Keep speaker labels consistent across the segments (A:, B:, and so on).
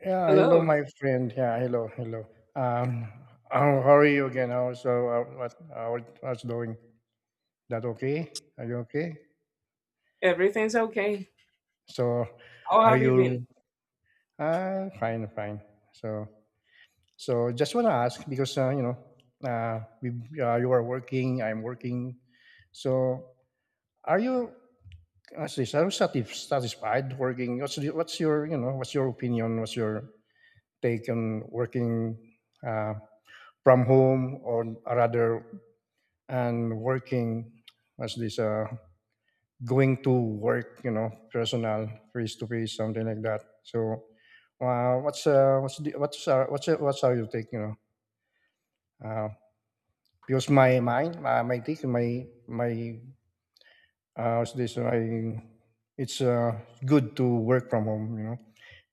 A: Yeah, hello,
B: Hello.
A: my friend. Yeah, hello, hello. Um, how are you again? How so? What? How's doing? That okay? Are you okay?
B: Everything's okay.
A: So,
B: How
A: are
B: have you been?
A: you? Fine, fine. So, so just wanna ask because you know, uh, we, you are working. I'm working. So, are you? What's this? Are you satisfied working? What's your you know? What's your opinion? What's your take on working? Uh, from home, or rather and working as this going to work, you know, personal face to face, something like that. So, what's the, what's are you take, you know? Uh, because my mind, my take, my what's this? My it's good to work from home, you know,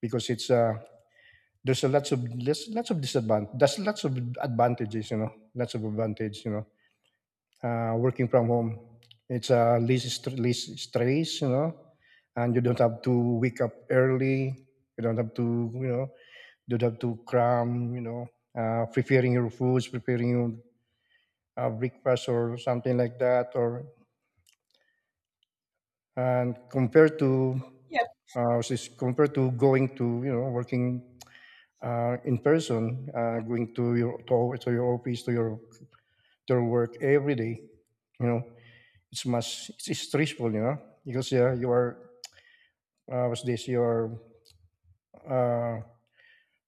A: because it's there's lots of disadvantage. There's lots of advantages, you know, lots of advantage, working from home. It's less, less stress, you know, and you don't have to wake up early. You don't have to, you know, you don't have to cram, you know, preparing your foods, preparing your breakfast or something like that. Or and compared to,
B: Yep.
A: compared to going to, you know, working in person, going to your to your office, to your work every day, you know it's stressful, you know, because yeah, you are was this are. Uh,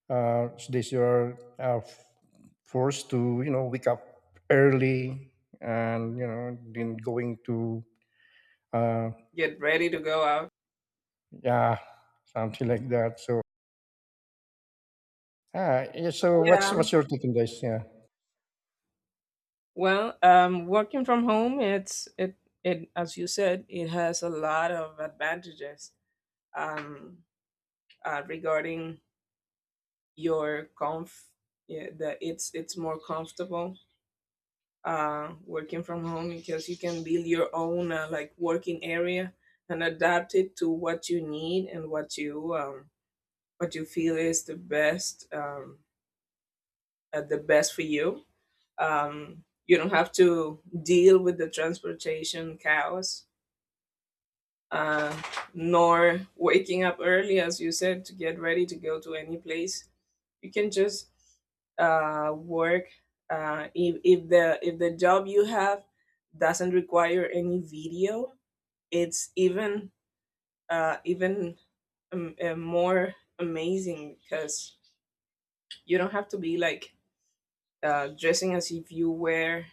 A: was this your forced to you know wake up early and you know then going to uh,
B: Get ready to go out.
A: yeah something like that. So yeah, so
B: Yeah.
A: what's your take on this? Yeah,
B: Well, working from home, it's it it as you said, it has a lot of advantages. Um, regarding your comf, yeah, that it's more comfortable. Working from home because you can build your own like working area, and adapt it to what you need and what you feel is the best, the best for you. You don't have to deal with the transportation chaos, uh, nor waking up early, as you said, to get ready to go to any place. You can just work if the job you have doesn't require any video. It's even more amazing because you don't have to be like, dressing as if you were,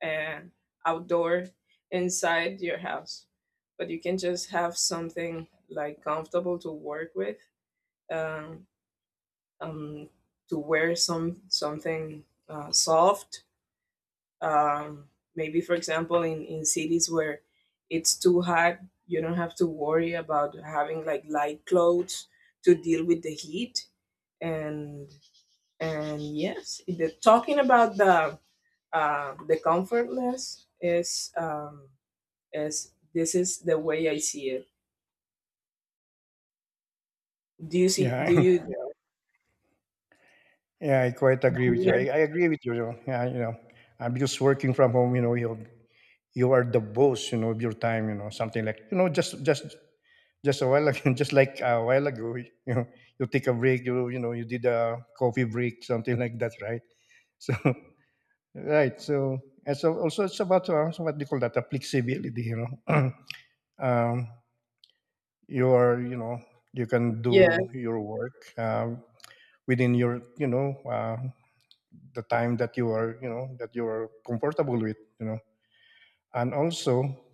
B: and outdoor, inside your house, but you can just have something like comfortable to work with, um, um, to wear something soft, um, maybe for example in cities where it's too hot you don't have to worry about having like light clothes to deal with the heat. And yes, talking about the comfortless is, as this is the way I see it. Do you see? Do
A: yeah,
B: you?
A: yeah. I quite
B: Do
A: agree with you.
B: you
A: I agree with you. You know, Yeah, you know, I'm just working from home. You know, you are the boss. You know, of your time. You know, something like you know just a while ago, just like a while ago, you know, you take a break, you know, you did a coffee break, something like that, right? So right, so and so also it's about so what do you call that? A flexibility, you know. um, you are, you know, you can
B: Yeah,
A: do your work within your, you know, the time that you are, you know, that you are comfortable with, you know, and also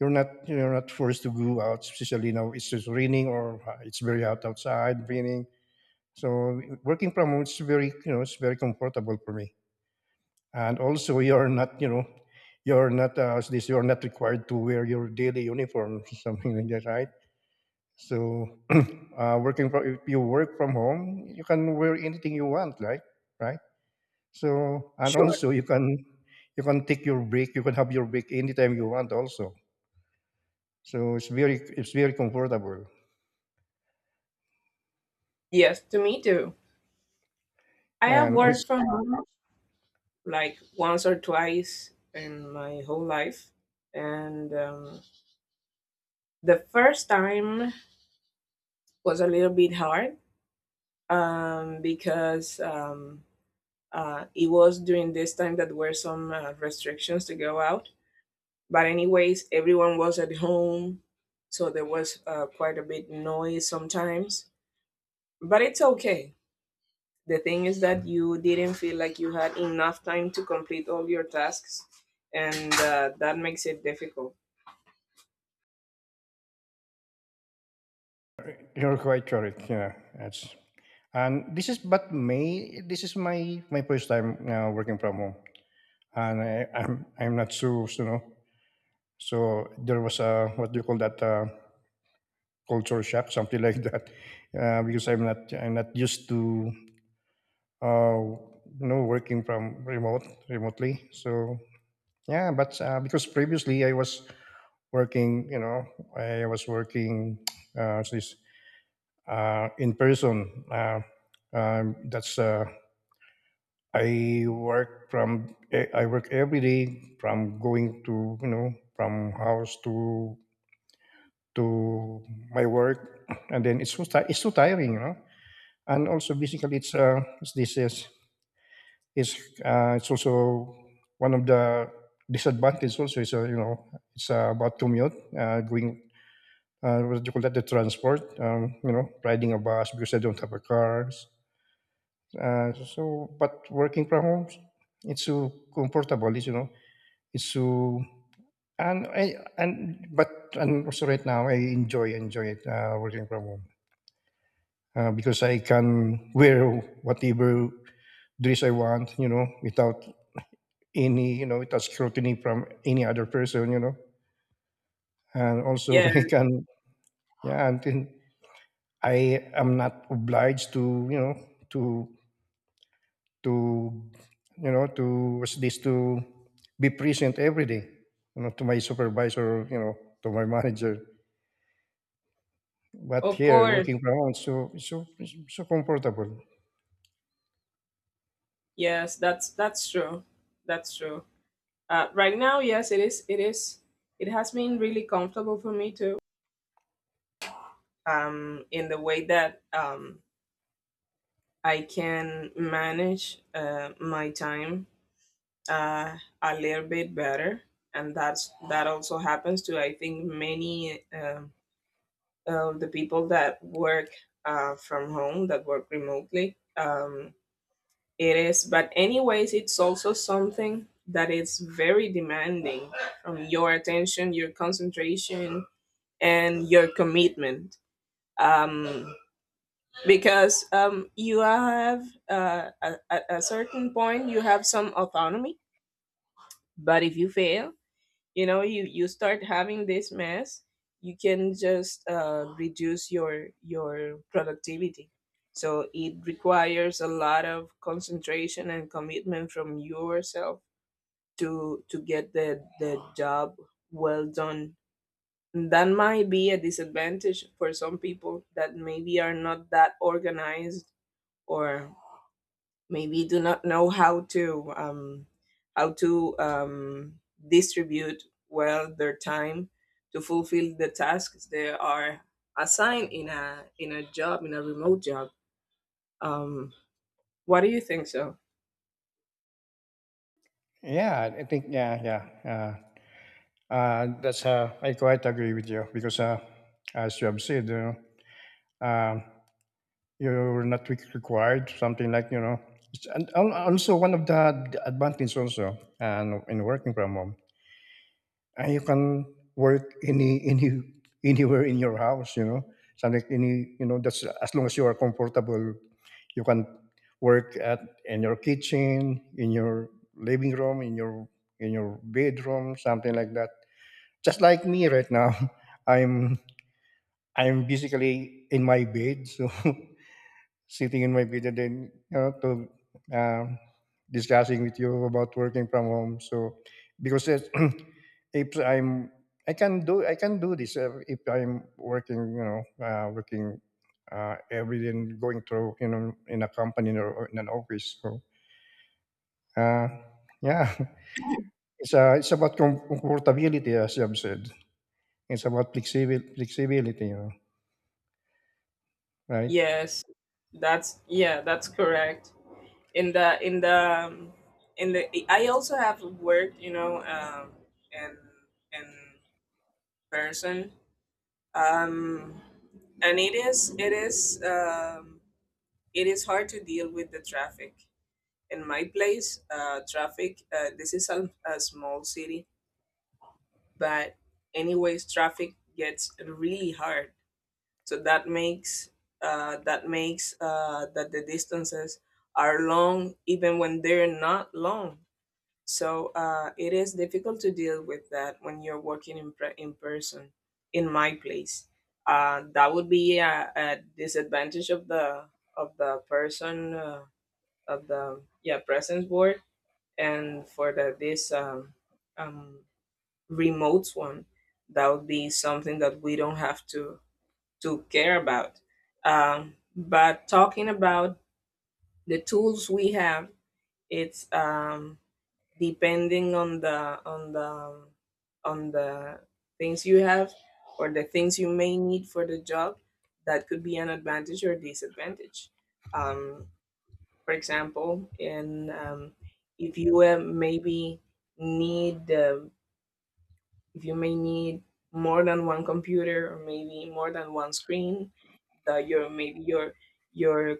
A: you're not forced to go out, especially now it's just raining or it's very hot outside, raining. So working from home is very, you know, it's very comfortable for me. And also, you're not, you know, you're not you're not required to wear your daily uniform, something like that, right? So, working from if you work from home, you can wear anything you want, right? Right. So, and
B: sure.
A: also you can take your break. You can have your break anytime you want, also. So it's very comfortable,
B: Yes, to me too. I have
A: and also,
B: worked from home like once or twice in my whole life, and the first time was a little bit hard, because it was during this time that were some restrictions to go out. But anyways, everyone was at home, so there was quite a bit noise sometimes. But it's okay. The thing is that you didn't feel like you had enough time to complete all your tasks, and that makes it difficult.
A: you're quite correct. Yeah, that's. And this is but May. This is my first time working from home, and I'm not so so, you know. So there was a what do you call that culture shock, something like that, because I'm not used to uh, you know working from remotely. So yeah, but because previously I was working, you know, I was working this in person. That's I work from I work every day from going to you know from house to my work, and then it's so tiring, you know. And also, basically, it's this is it's also one of the disadvantages. Also, is you know it's about commute, going what do you call that the transport, you know, riding a bus because I don't have a car. So, but working from home, it's so comfortable, it's, you know. So and I and but and also right now I enjoy it working from home because I can wear whatever dress I want, you know, without any you know without scrutiny from any other person, you know, and also
B: Yeah,
A: I can yeah and then I am not obliged to you know to to you know to what's this to be present every day, you know, to my supervisor, you know, to my manager. But
B: of
A: here,
B: course.
A: working from home, so comfortable.
B: Yes, that's true. That's true. Right now, yes, it is. It is. It has been really comfortable for me too. In the way that I can manage my time a little bit better, and that also happens to I think many. The people that work from home, that work remotely. It is, but anyways, it's also something that is very demanding from your attention, your concentration, and your commitment. Um, because you have, at a certain point, you have some autonomy, but if you fail, you know you start having this mess. You can just reduce your productivity, so it requires a lot of concentration and commitment from yourself to get the job well done. That might be a disadvantage for some people that maybe are not that organized, or maybe do not know how to how to um, distribute well their time to fulfill the tasks they are assigned in a job in a remote job. um, what do you think? So
A: Yeah, I think that's I quite agree with you because as you have said, you know, um, you're not re- required something like you know, and also one of the advantages also and in working from home and you can work anywhere in your house you know something any you know that's as long as you are comfortable you can work at in your kitchen in your living room in your bedroom something like that just like me right now i'm I'm basically in my bed so sitting in my video then you know to um, discussing with you about working from home so because if I'm I can do this if I'm working you know working every day and going through you know in a company or in an office so uh, yeah it's about comfortability as you have said it's about flexibility you know right.
B: yes, that's correct. In the in the in the I also have worked, in in person, um, and it is hard to deal with the traffic. In my place, traffic, this is a, small city, but anyways, traffic gets really hard. So that makes that makes that the distances are long, even when they're not long. So it is difficult to deal with that when you're working in in person. In my place, that would be a, disadvantage of the person. Of the, yeah, presence board, and for the this um remote one, that would be something that we don't have to care about. But talking about the tools we have, it's, depending on the on the things you have, or the things you may need for the job, that could be an advantage or disadvantage. um for example, and, if you uh, maybe need um if you may need more than one computer, or maybe more than one screen. the, your maybe your your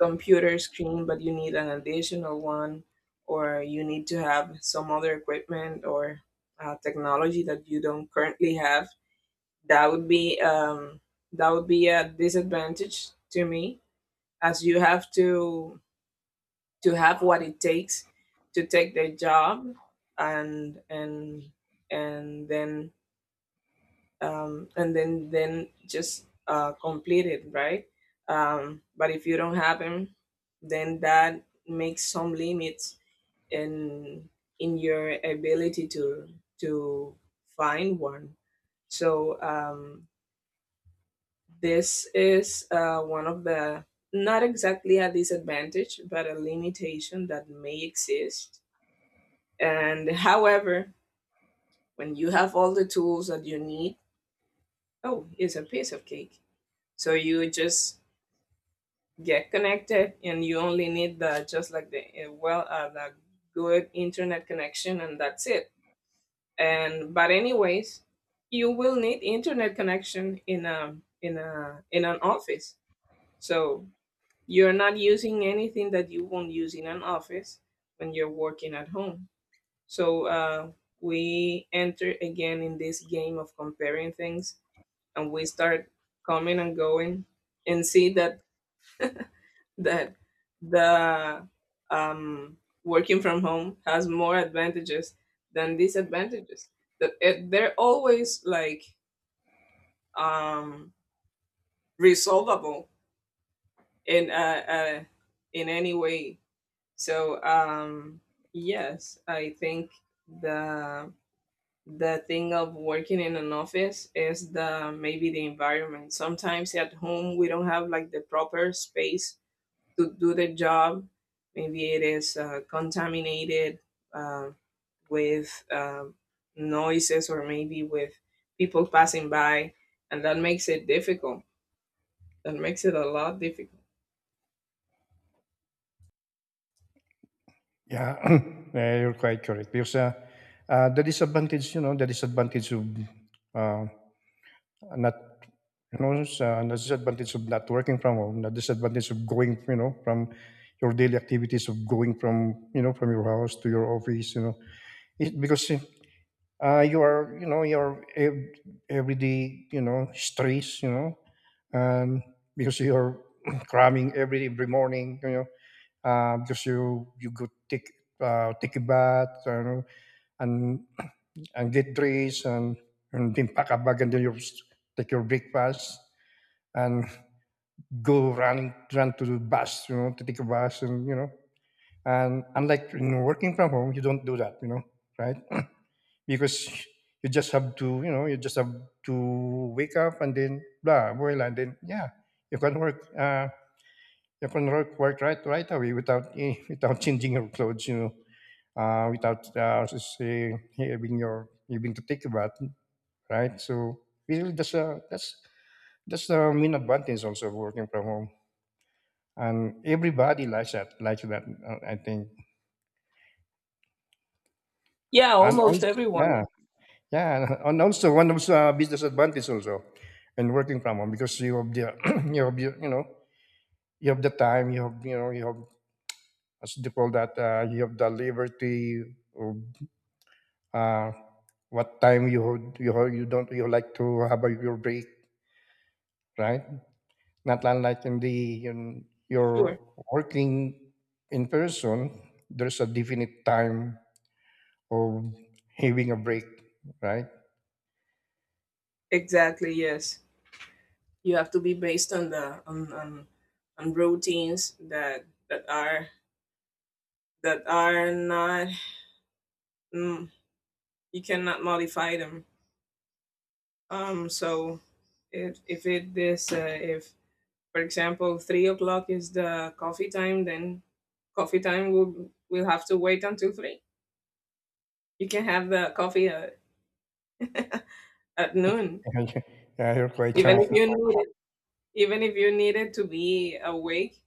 B: computer screen, but you need an additional one, or you need to have some other equipment or technology that you don't currently have. That would be um, that would be a disadvantage to me, as you have to have what it takes to take their job, and and and then and then just complete it, right. But if you don't have them, then that makes some limits in your ability to to find one. So, this is one of the, not exactly a disadvantage, but a limitation that may exist. And however, when you have all the tools that you need, oh, it's a piece of cake. So you just get connected, and you only need the just like the well the good internet connection, and that's it. And but anyways, you will need internet connection in a in a in an office. So you're not using anything that you won't use in an office when you're working at home. So we enter again in this game of comparing things, and we start coming and going, and see that that the um, working from home has more advantages than disadvantages. That, they're always like, um, resolvable in uh, uh, in any way. So, yes, I think the the thing of working in an office is the maybe the environment. Sometimes at home we don't have like the proper space to do the job. Maybe it is contaminated uh, with, noises, or maybe with people passing by, and that makes it difficult. That makes it a lot difficult.
A: Yeah, yeah, you're quite correct. Because the disadvantage, you know, the disadvantage of uh, not, you know, the disadvantage of not working from home, the disadvantage of going, you know, from your daily activities of going from, you know, from your house to your office, you know, it, because your, you know, everyday, you know, stress, you know, um, because you're cramming every morning, you know, because you go take a bath, you know, and and get dressed and then pack a bag and then you take your breakfast and go running run to the bus, you know, to take a bus and you know. And unlike you know, working from home, you don't do that, you know, right? Because you just have to you know you just have to wake up and then blah voila and then yeah you can work uh, you can work, right right away without without changing your clothes you know without having your having to take a bath right so really that's a that's that's the main advantage also of working from home and everybody likes that I think
B: Yeah,
A: and
B: almost
A: also yeah.
B: everyone.
A: Yeah, and also one of the business advantage also, and working from home because you have the you have the, you know you have you know you have as they call that you have the liberty of uh, what time you don't you like to have a, your break, right? Not unlike in the in you're
B: Sure.
A: working in person, there's a definite time of having a break, right?
B: Exactly. Yes, you have to be based on routines that are not, mm, you cannot modify them. So, if it is if for example 3 o'clock is the coffee time, then coffee time will have to wait until 3. You can have the coffee at noon,
A: Yeah, you're quite
B: even
A: charming.
B: if you need it, even if you needed to be awake,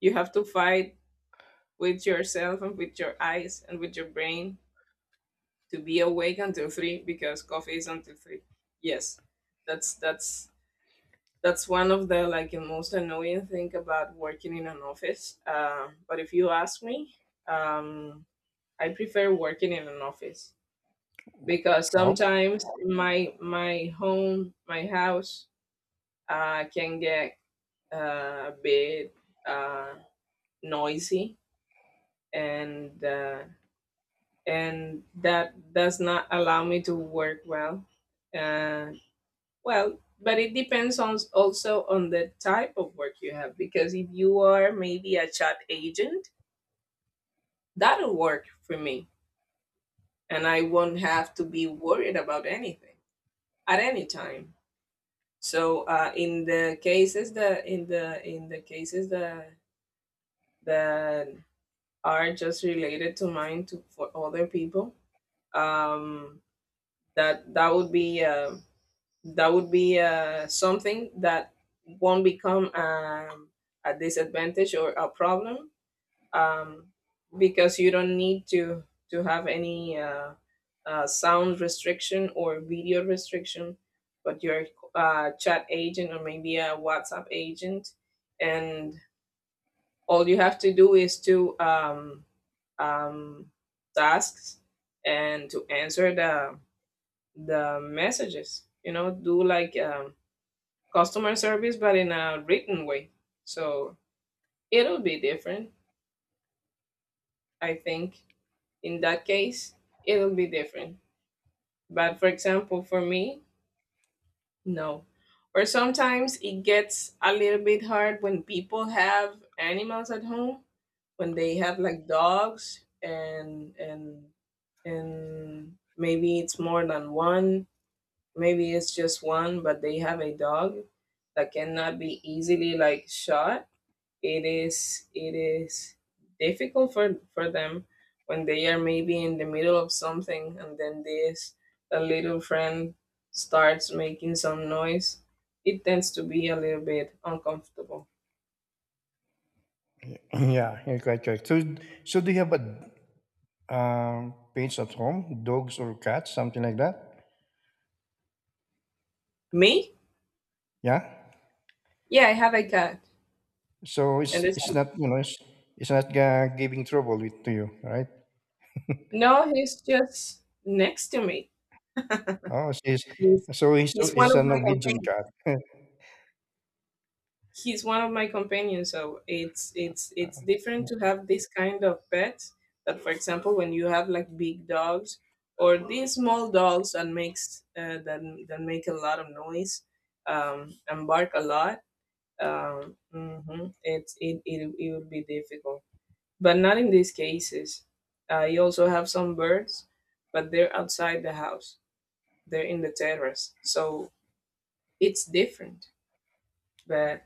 B: you have to fight with yourself, and with your eyes, and with your brain to be awake until 3 because coffee is until 3. Yes, that's that's that's one of the most annoying thing about working in an office. But if you ask me, um, I prefer working in an office because
A: Oh,
B: sometimes my home, my house, can get a bit uh, noisy, and uh, and that does not allow me to work well. Uh, Well, but it depends on, also, on the type of work you have, because if you are maybe a chat agent, that'll work for me, and I won't have to be worried about anything at any time. So in the cases that in the cases that are just related to mine, to, for other people, um, that that would be something that won't become, a disadvantage or a problem, um, because you don't need to have any sound restriction or video restriction. But your, chat agent, or maybe a whatsapp agent, and all you have to do is to, um, tasks, and to answer the messages, do like, customer service, but in a written way. So it'll be different. I think in that case, it'll be different. But for example, for me, no. Or sometimes it gets a little bit hard when people have animals at home, when they have like dogs, and maybe it's more than one, maybe it's just one, but they have a dog that cannot be easily like shot. It is difficult for them when they are maybe in the middle of something, and then this, a little friend, starts making some noise. It tends to be a little bit uncomfortable.
A: yeah, you're quite correct. So, so do you have a pets at home, dogs or cats, something like that?
B: Me?
A: Yeah.
B: Yeah, I have a cat.
A: So
B: And it's.
A: it's not you know it's not giving trouble with to you, right?
B: No, he's just next to me.
A: Oh, she's.
B: He's,
A: So he's so
B: one
A: he's
B: of
A: an
B: my
A: Norwegian
B: companions.
A: cat.
B: He's one of my companions. So it's different to have this kind of pets. That, for example, when you have like big dogs, or these small dogs that make a lot of noise, and bark a lot. Mhm, it's it, it it would be difficult, but not in these cases. I also have some birds, but they're outside the house. They're in the terrace, so it's different. But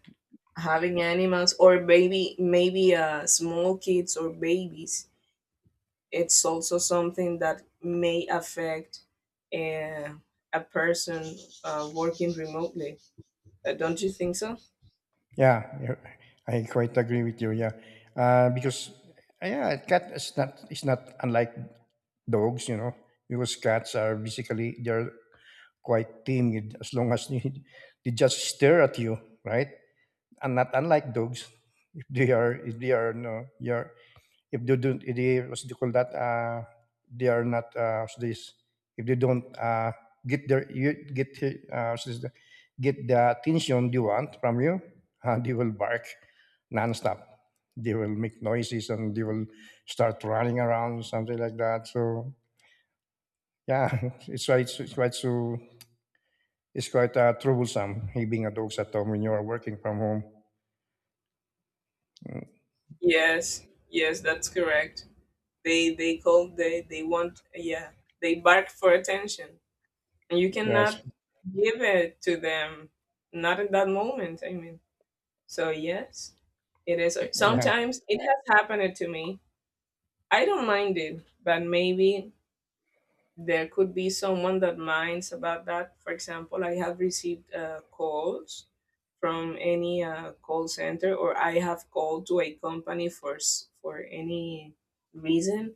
B: having animals, or maybe small kids or babies, it's also something that may affect, uh, a person working remotely. Don't you think so?
A: Yeah, you're. I quite agree with you. Yeah, because yeah, cat is not it's not unlike dogs, you know, because cats are basically they're quite timid as long as they just stare at you, right? And not unlike dogs, if they are no you're if they don't if they what do you call that they are not what's this if they don't get uh what's this, get the attention they want from you, they will bark nonstop. They will make noises and they will start running around something like that. So yeah, it's quite so it's quite troublesome having a dogs at home when you are working from home. Mm,
B: Yes, yes, that's correct. They call, they want, yeah, they bark for attention. And you cannot
A: That's
B: give it to them, not in that moment, I mean. So, yes, it is.
A: yeah.
B: Sometimes it has happened to me. I don't mind it, but maybe there could be someone that minds about that. For example, I have received calls from any call center, or I have called to a company for any reason,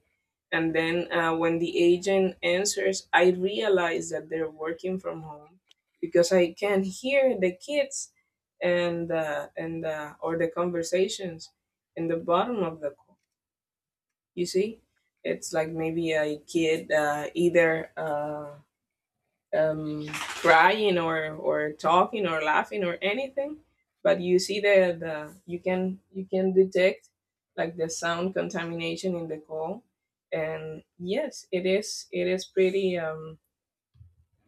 B: and then when the agent answers, I realize that they're working from home because I can hear the kids and or the conversations in the bottom of the call. You see, it's like maybe a kid either crying or talking or laughing or anything, but you see the you can detect like the sound contamination in the call. And yes, it is pretty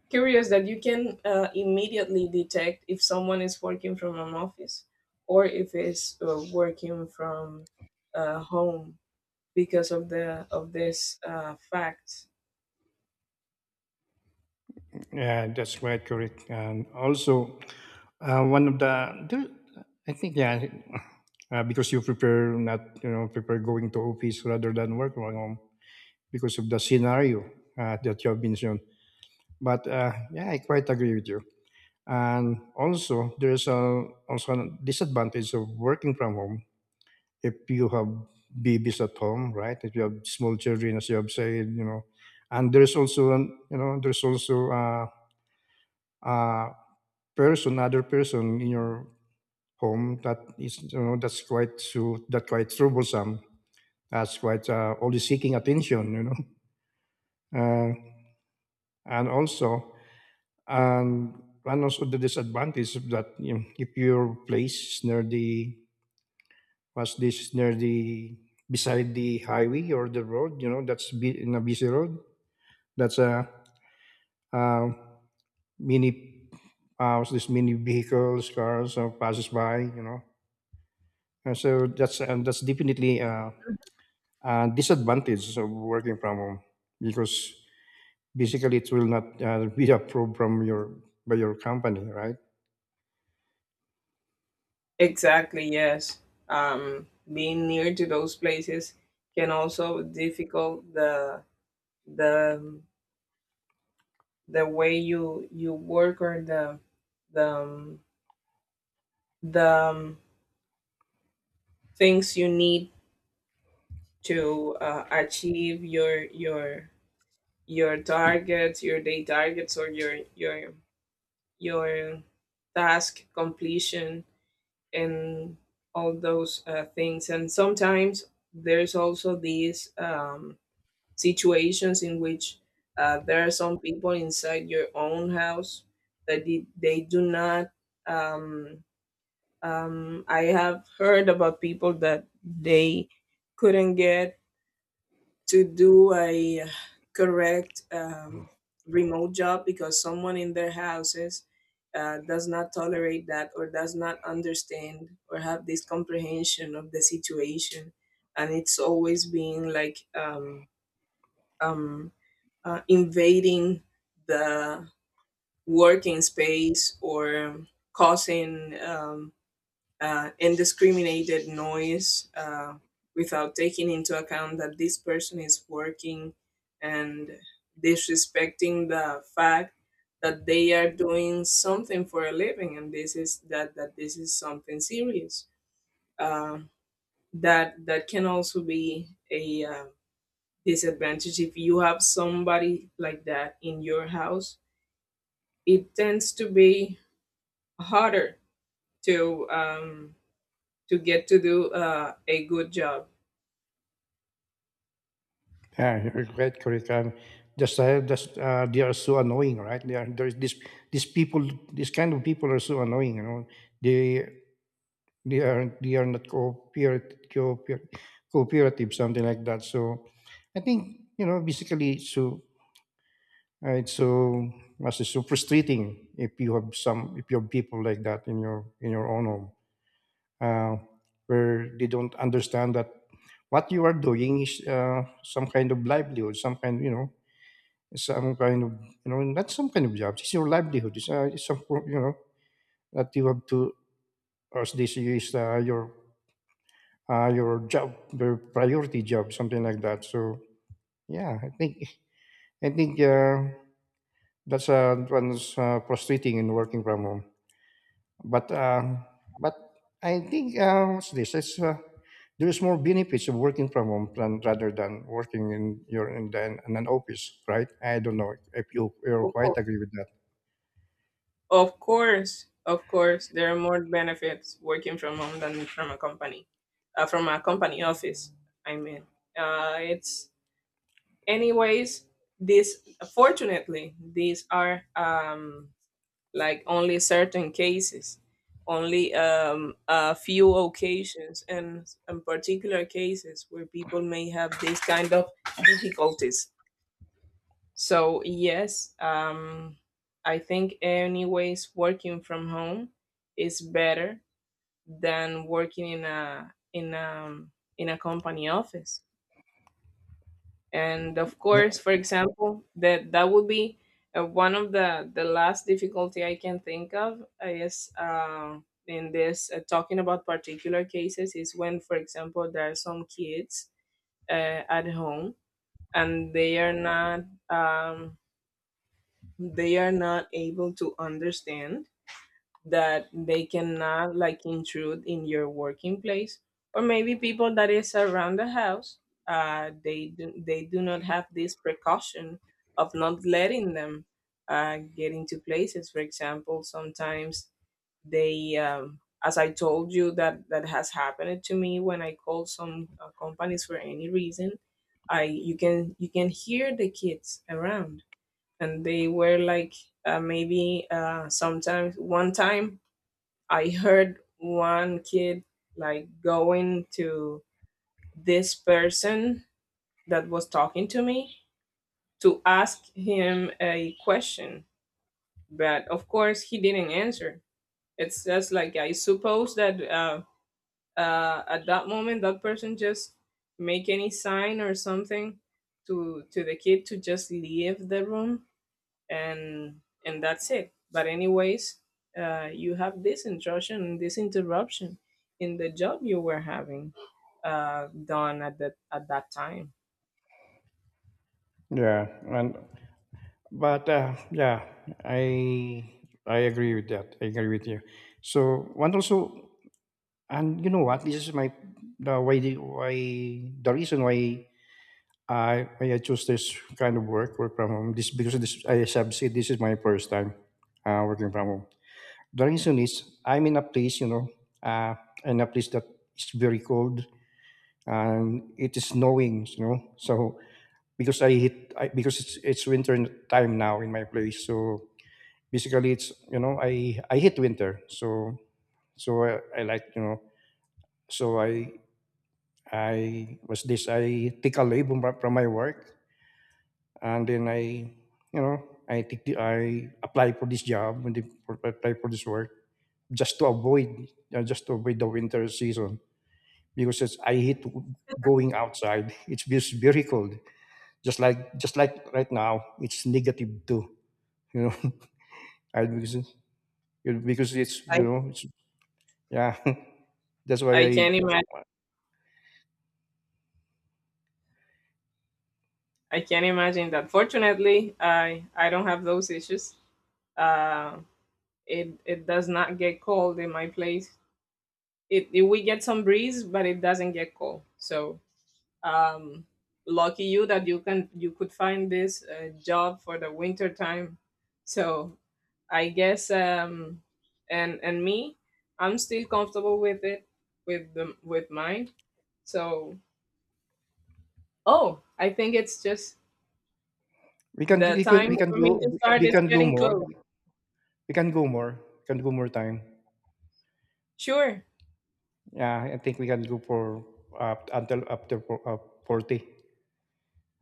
B: curious that you can immediately detect if someone is working from an office or if it's working from home because of the of this fact.
A: Yeah, that's quite correct. And also, one of the, there- I think, yeah, because you prepare not, you know, prepare going to office rather than work from home because of the scenario that you have mentioned. But yeah, I quite agree with you. And also, there's a, also a disadvantage of working from home if you have babies at home, right? If you have small children, as you have said, and there's also, there's also uh, person, other person in your home that is that's quite so that quite troublesome. That's quite only seeking attention, Uh, and also, and and also the disadvantage of that if your place is near the was this near the beside the highway or the road, you know, that's in a busy road. That's a, uh mini what's this mini vehicles, cars passes by, you know. And that's definitely disadvantage of working from home because basically it will not be approved from your by your company, right?
B: Exactly, yes. Being near to those places can also difficult the the way you work or the the um, the um, things you need to achieve your targets, your day targets, or your task completion and all those things. And sometimes there's also these. Situations in which there are some people inside your own house that they do not um, I have heard about people that they couldn't get to do a correct remote job because someone in their houses does not tolerate that, or does not understand or have this comprehension of the situation, and it's always being like um, invading the working space or causing indiscriminated noise without taking into account that this person is working and disrespecting the fact that they are doing something for a living, and this is that that this is something serious. Uh, that that can also be a disadvantage if you have somebody like that in your house. It tends to be harder to um, to get to do a good job.
A: Yeah, you're quite correct. Just they are so annoying, right? They are there's this these people, these kind of people are so annoying. You know, they they are not cooperative something like that. So I think you know basically so it's so frustrating if you have people like that in your own home. uh, where they don't understand that what you are doing is some kind of livelihood, some kind, you know, some kind of, you know, not some kind of job. It's your livelihood. It's some, you know, that you have to, as this is your job, your priority job, something like that. So yeah, I think that's one's frustrating in working from home. But um, but I think what's this? It's there is more benefits of working from home rather than working in your in an office, right? I don't know if you
B: Of
A: quite
B: course,
A: agree with that.
B: of course, of course, there are more benefits working from home than from a company office. I mean, it's anyways. This Fortunately, these are like only certain cases, only a few occasions, and particular cases where people may have these kind of difficulties. So yes, I think anyways working from home is better than working in a company office. And of
A: Yeah,
B: course, for example, that would be one of the last difficulty I can think of is, in this talking about particular cases, is when, for example, there are some kids at home and um, they are not able to understand that they cannot like intrude in your working place. Or maybe people that is around the house, they do not have this precaution of not letting them get into places. For example, sometimes they as I told you, that that has happened to me when I called some companies for any reason, I you can hear the kids around, and they were like maybe sometimes one time I heard one kid like going to this person that was talking to me to ask him a question, but of course he didn't answer. It's just like I suppose that at that moment that person just make any sign or something to the kid to just leave the room. And that's it, but anyways, you have this intrusion and this interruption in the job you were having done at that time.
A: yeah, and but yeah, I I agree with that. I agree with you. So and also, and you know what? This is my the why the why the reason why I chose this kind of work, work from home. This because this I have said this is my first time working from home. The reason is I'm in a place, you know, uh, in a place that is very cold and it is snowing, you know. So because I hit I, because it's winter time now in my place, so basically it's you know I hit winter, so so I like you know so I was this I take a leave from my work and then you know, I I apply for this job and then apply for this work just to avoid the winter season because I hate going outside. It's just very cold. Just like right now, it's negative two. You know, I because it- because it's you know it's yeah. That's why
B: I
A: I
B: can't imagine, I can't imagine that. Fortunately, I don't have those issues. Uh, it it does not get cold in my place. It We get some breeze, but it doesn't get cold. So um, lucky you that you could find this job for the winter time. So I guess, and me, I'm still comfortable with it, with the with mine. So oh, I think it's just
A: we can
B: the
A: we can
B: time for me to start
A: we
B: is
A: can go
B: getting
A: more
B: close.
A: we can go more we can go more time.
B: Sure.
A: Yeah, I think we can go for up to uh, 40,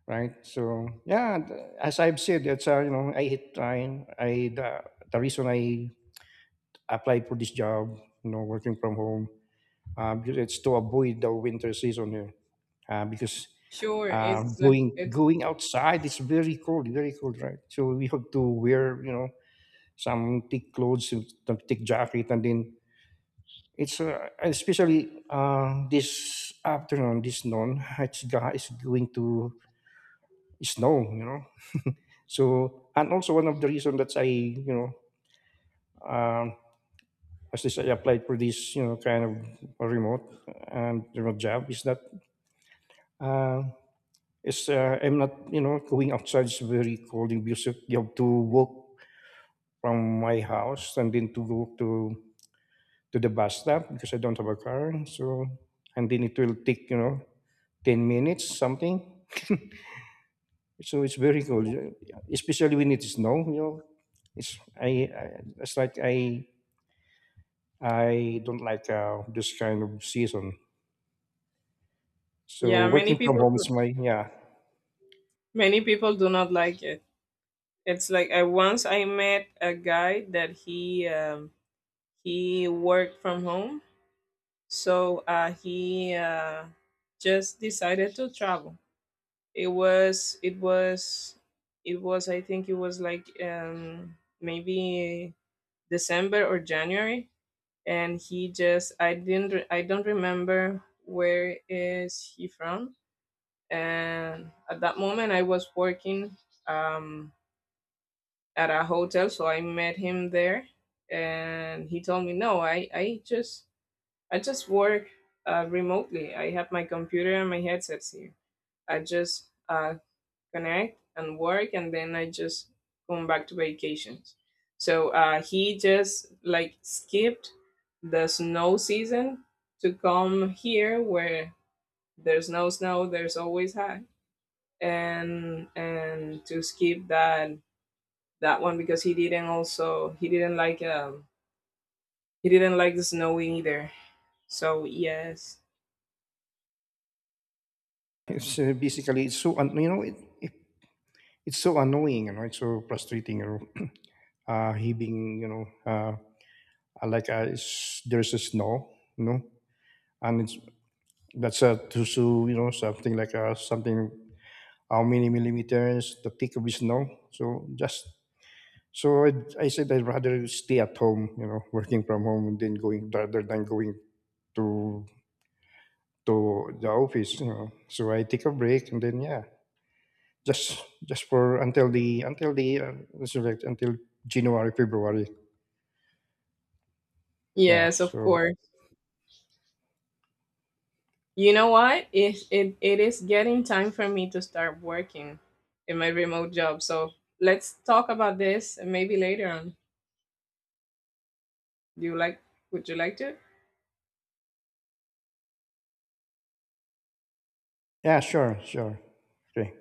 A: right? So, yeah, as I've said, it's, you know, I hate trying. The reason I applied for this job, you know, working from home, because it's to avoid the winter season here. Because
B: Sure
A: going
B: it's
A: going outside is very cold, right? So we have to wear, you know, some thick clothes, some thick jacket, and then it's especially this afternoon, this noon, is going to snow, you know. So and also one of the reason that um, as this I applied for this, you know, kind of remote remote job is that uh, it's I'm not, you know, going outside. It's very cold in Busek. You have to walk from my house and then to go to the bus stop because I don't have a car. So and then it will take, you know, 10 minutes something. So it's very cold, especially when it is snow. You know, it's I it's like I don't like this kind of season. So
B: yeah. Many
A: working from
B: people,
A: home is my yeah.
B: many people do not like it. It's like I once I met a guy that he worked from home. So he just decided to travel. It was it was it was I think it was like maybe December or January. And he just I didn't re- I don't remember where is he from. And at that moment I was working, um, at a hotel, so I met him there. And he told me, no, I just, I just work remotely. I have my computer and my headsets here. I just connect and work, and then I just come back to vacations. So he just like skipped the snow season to come here where there's no snow, there's always high, and to skip that that one because he didn't, also he didn't like the snow either. So yes,
A: It's basically it it's so annoying you know it's so frustrating you know uh heaving you know uh like there's a snow you know and it's that's a to so you know something like something how many millimeters the thick of the snow so just. So i I said I'd rather stay at home, you know, working from home than going rather than going to to the office, you know. So I take a break and then yeah, just for until the until the until January February. Yeah.
B: yes, of
A: So
B: course. You know what? It is getting time for me to start working in my remote job. So let's talk about this maybe later on. Do you like, would you like to?
A: yeah, sure, sure. Okay.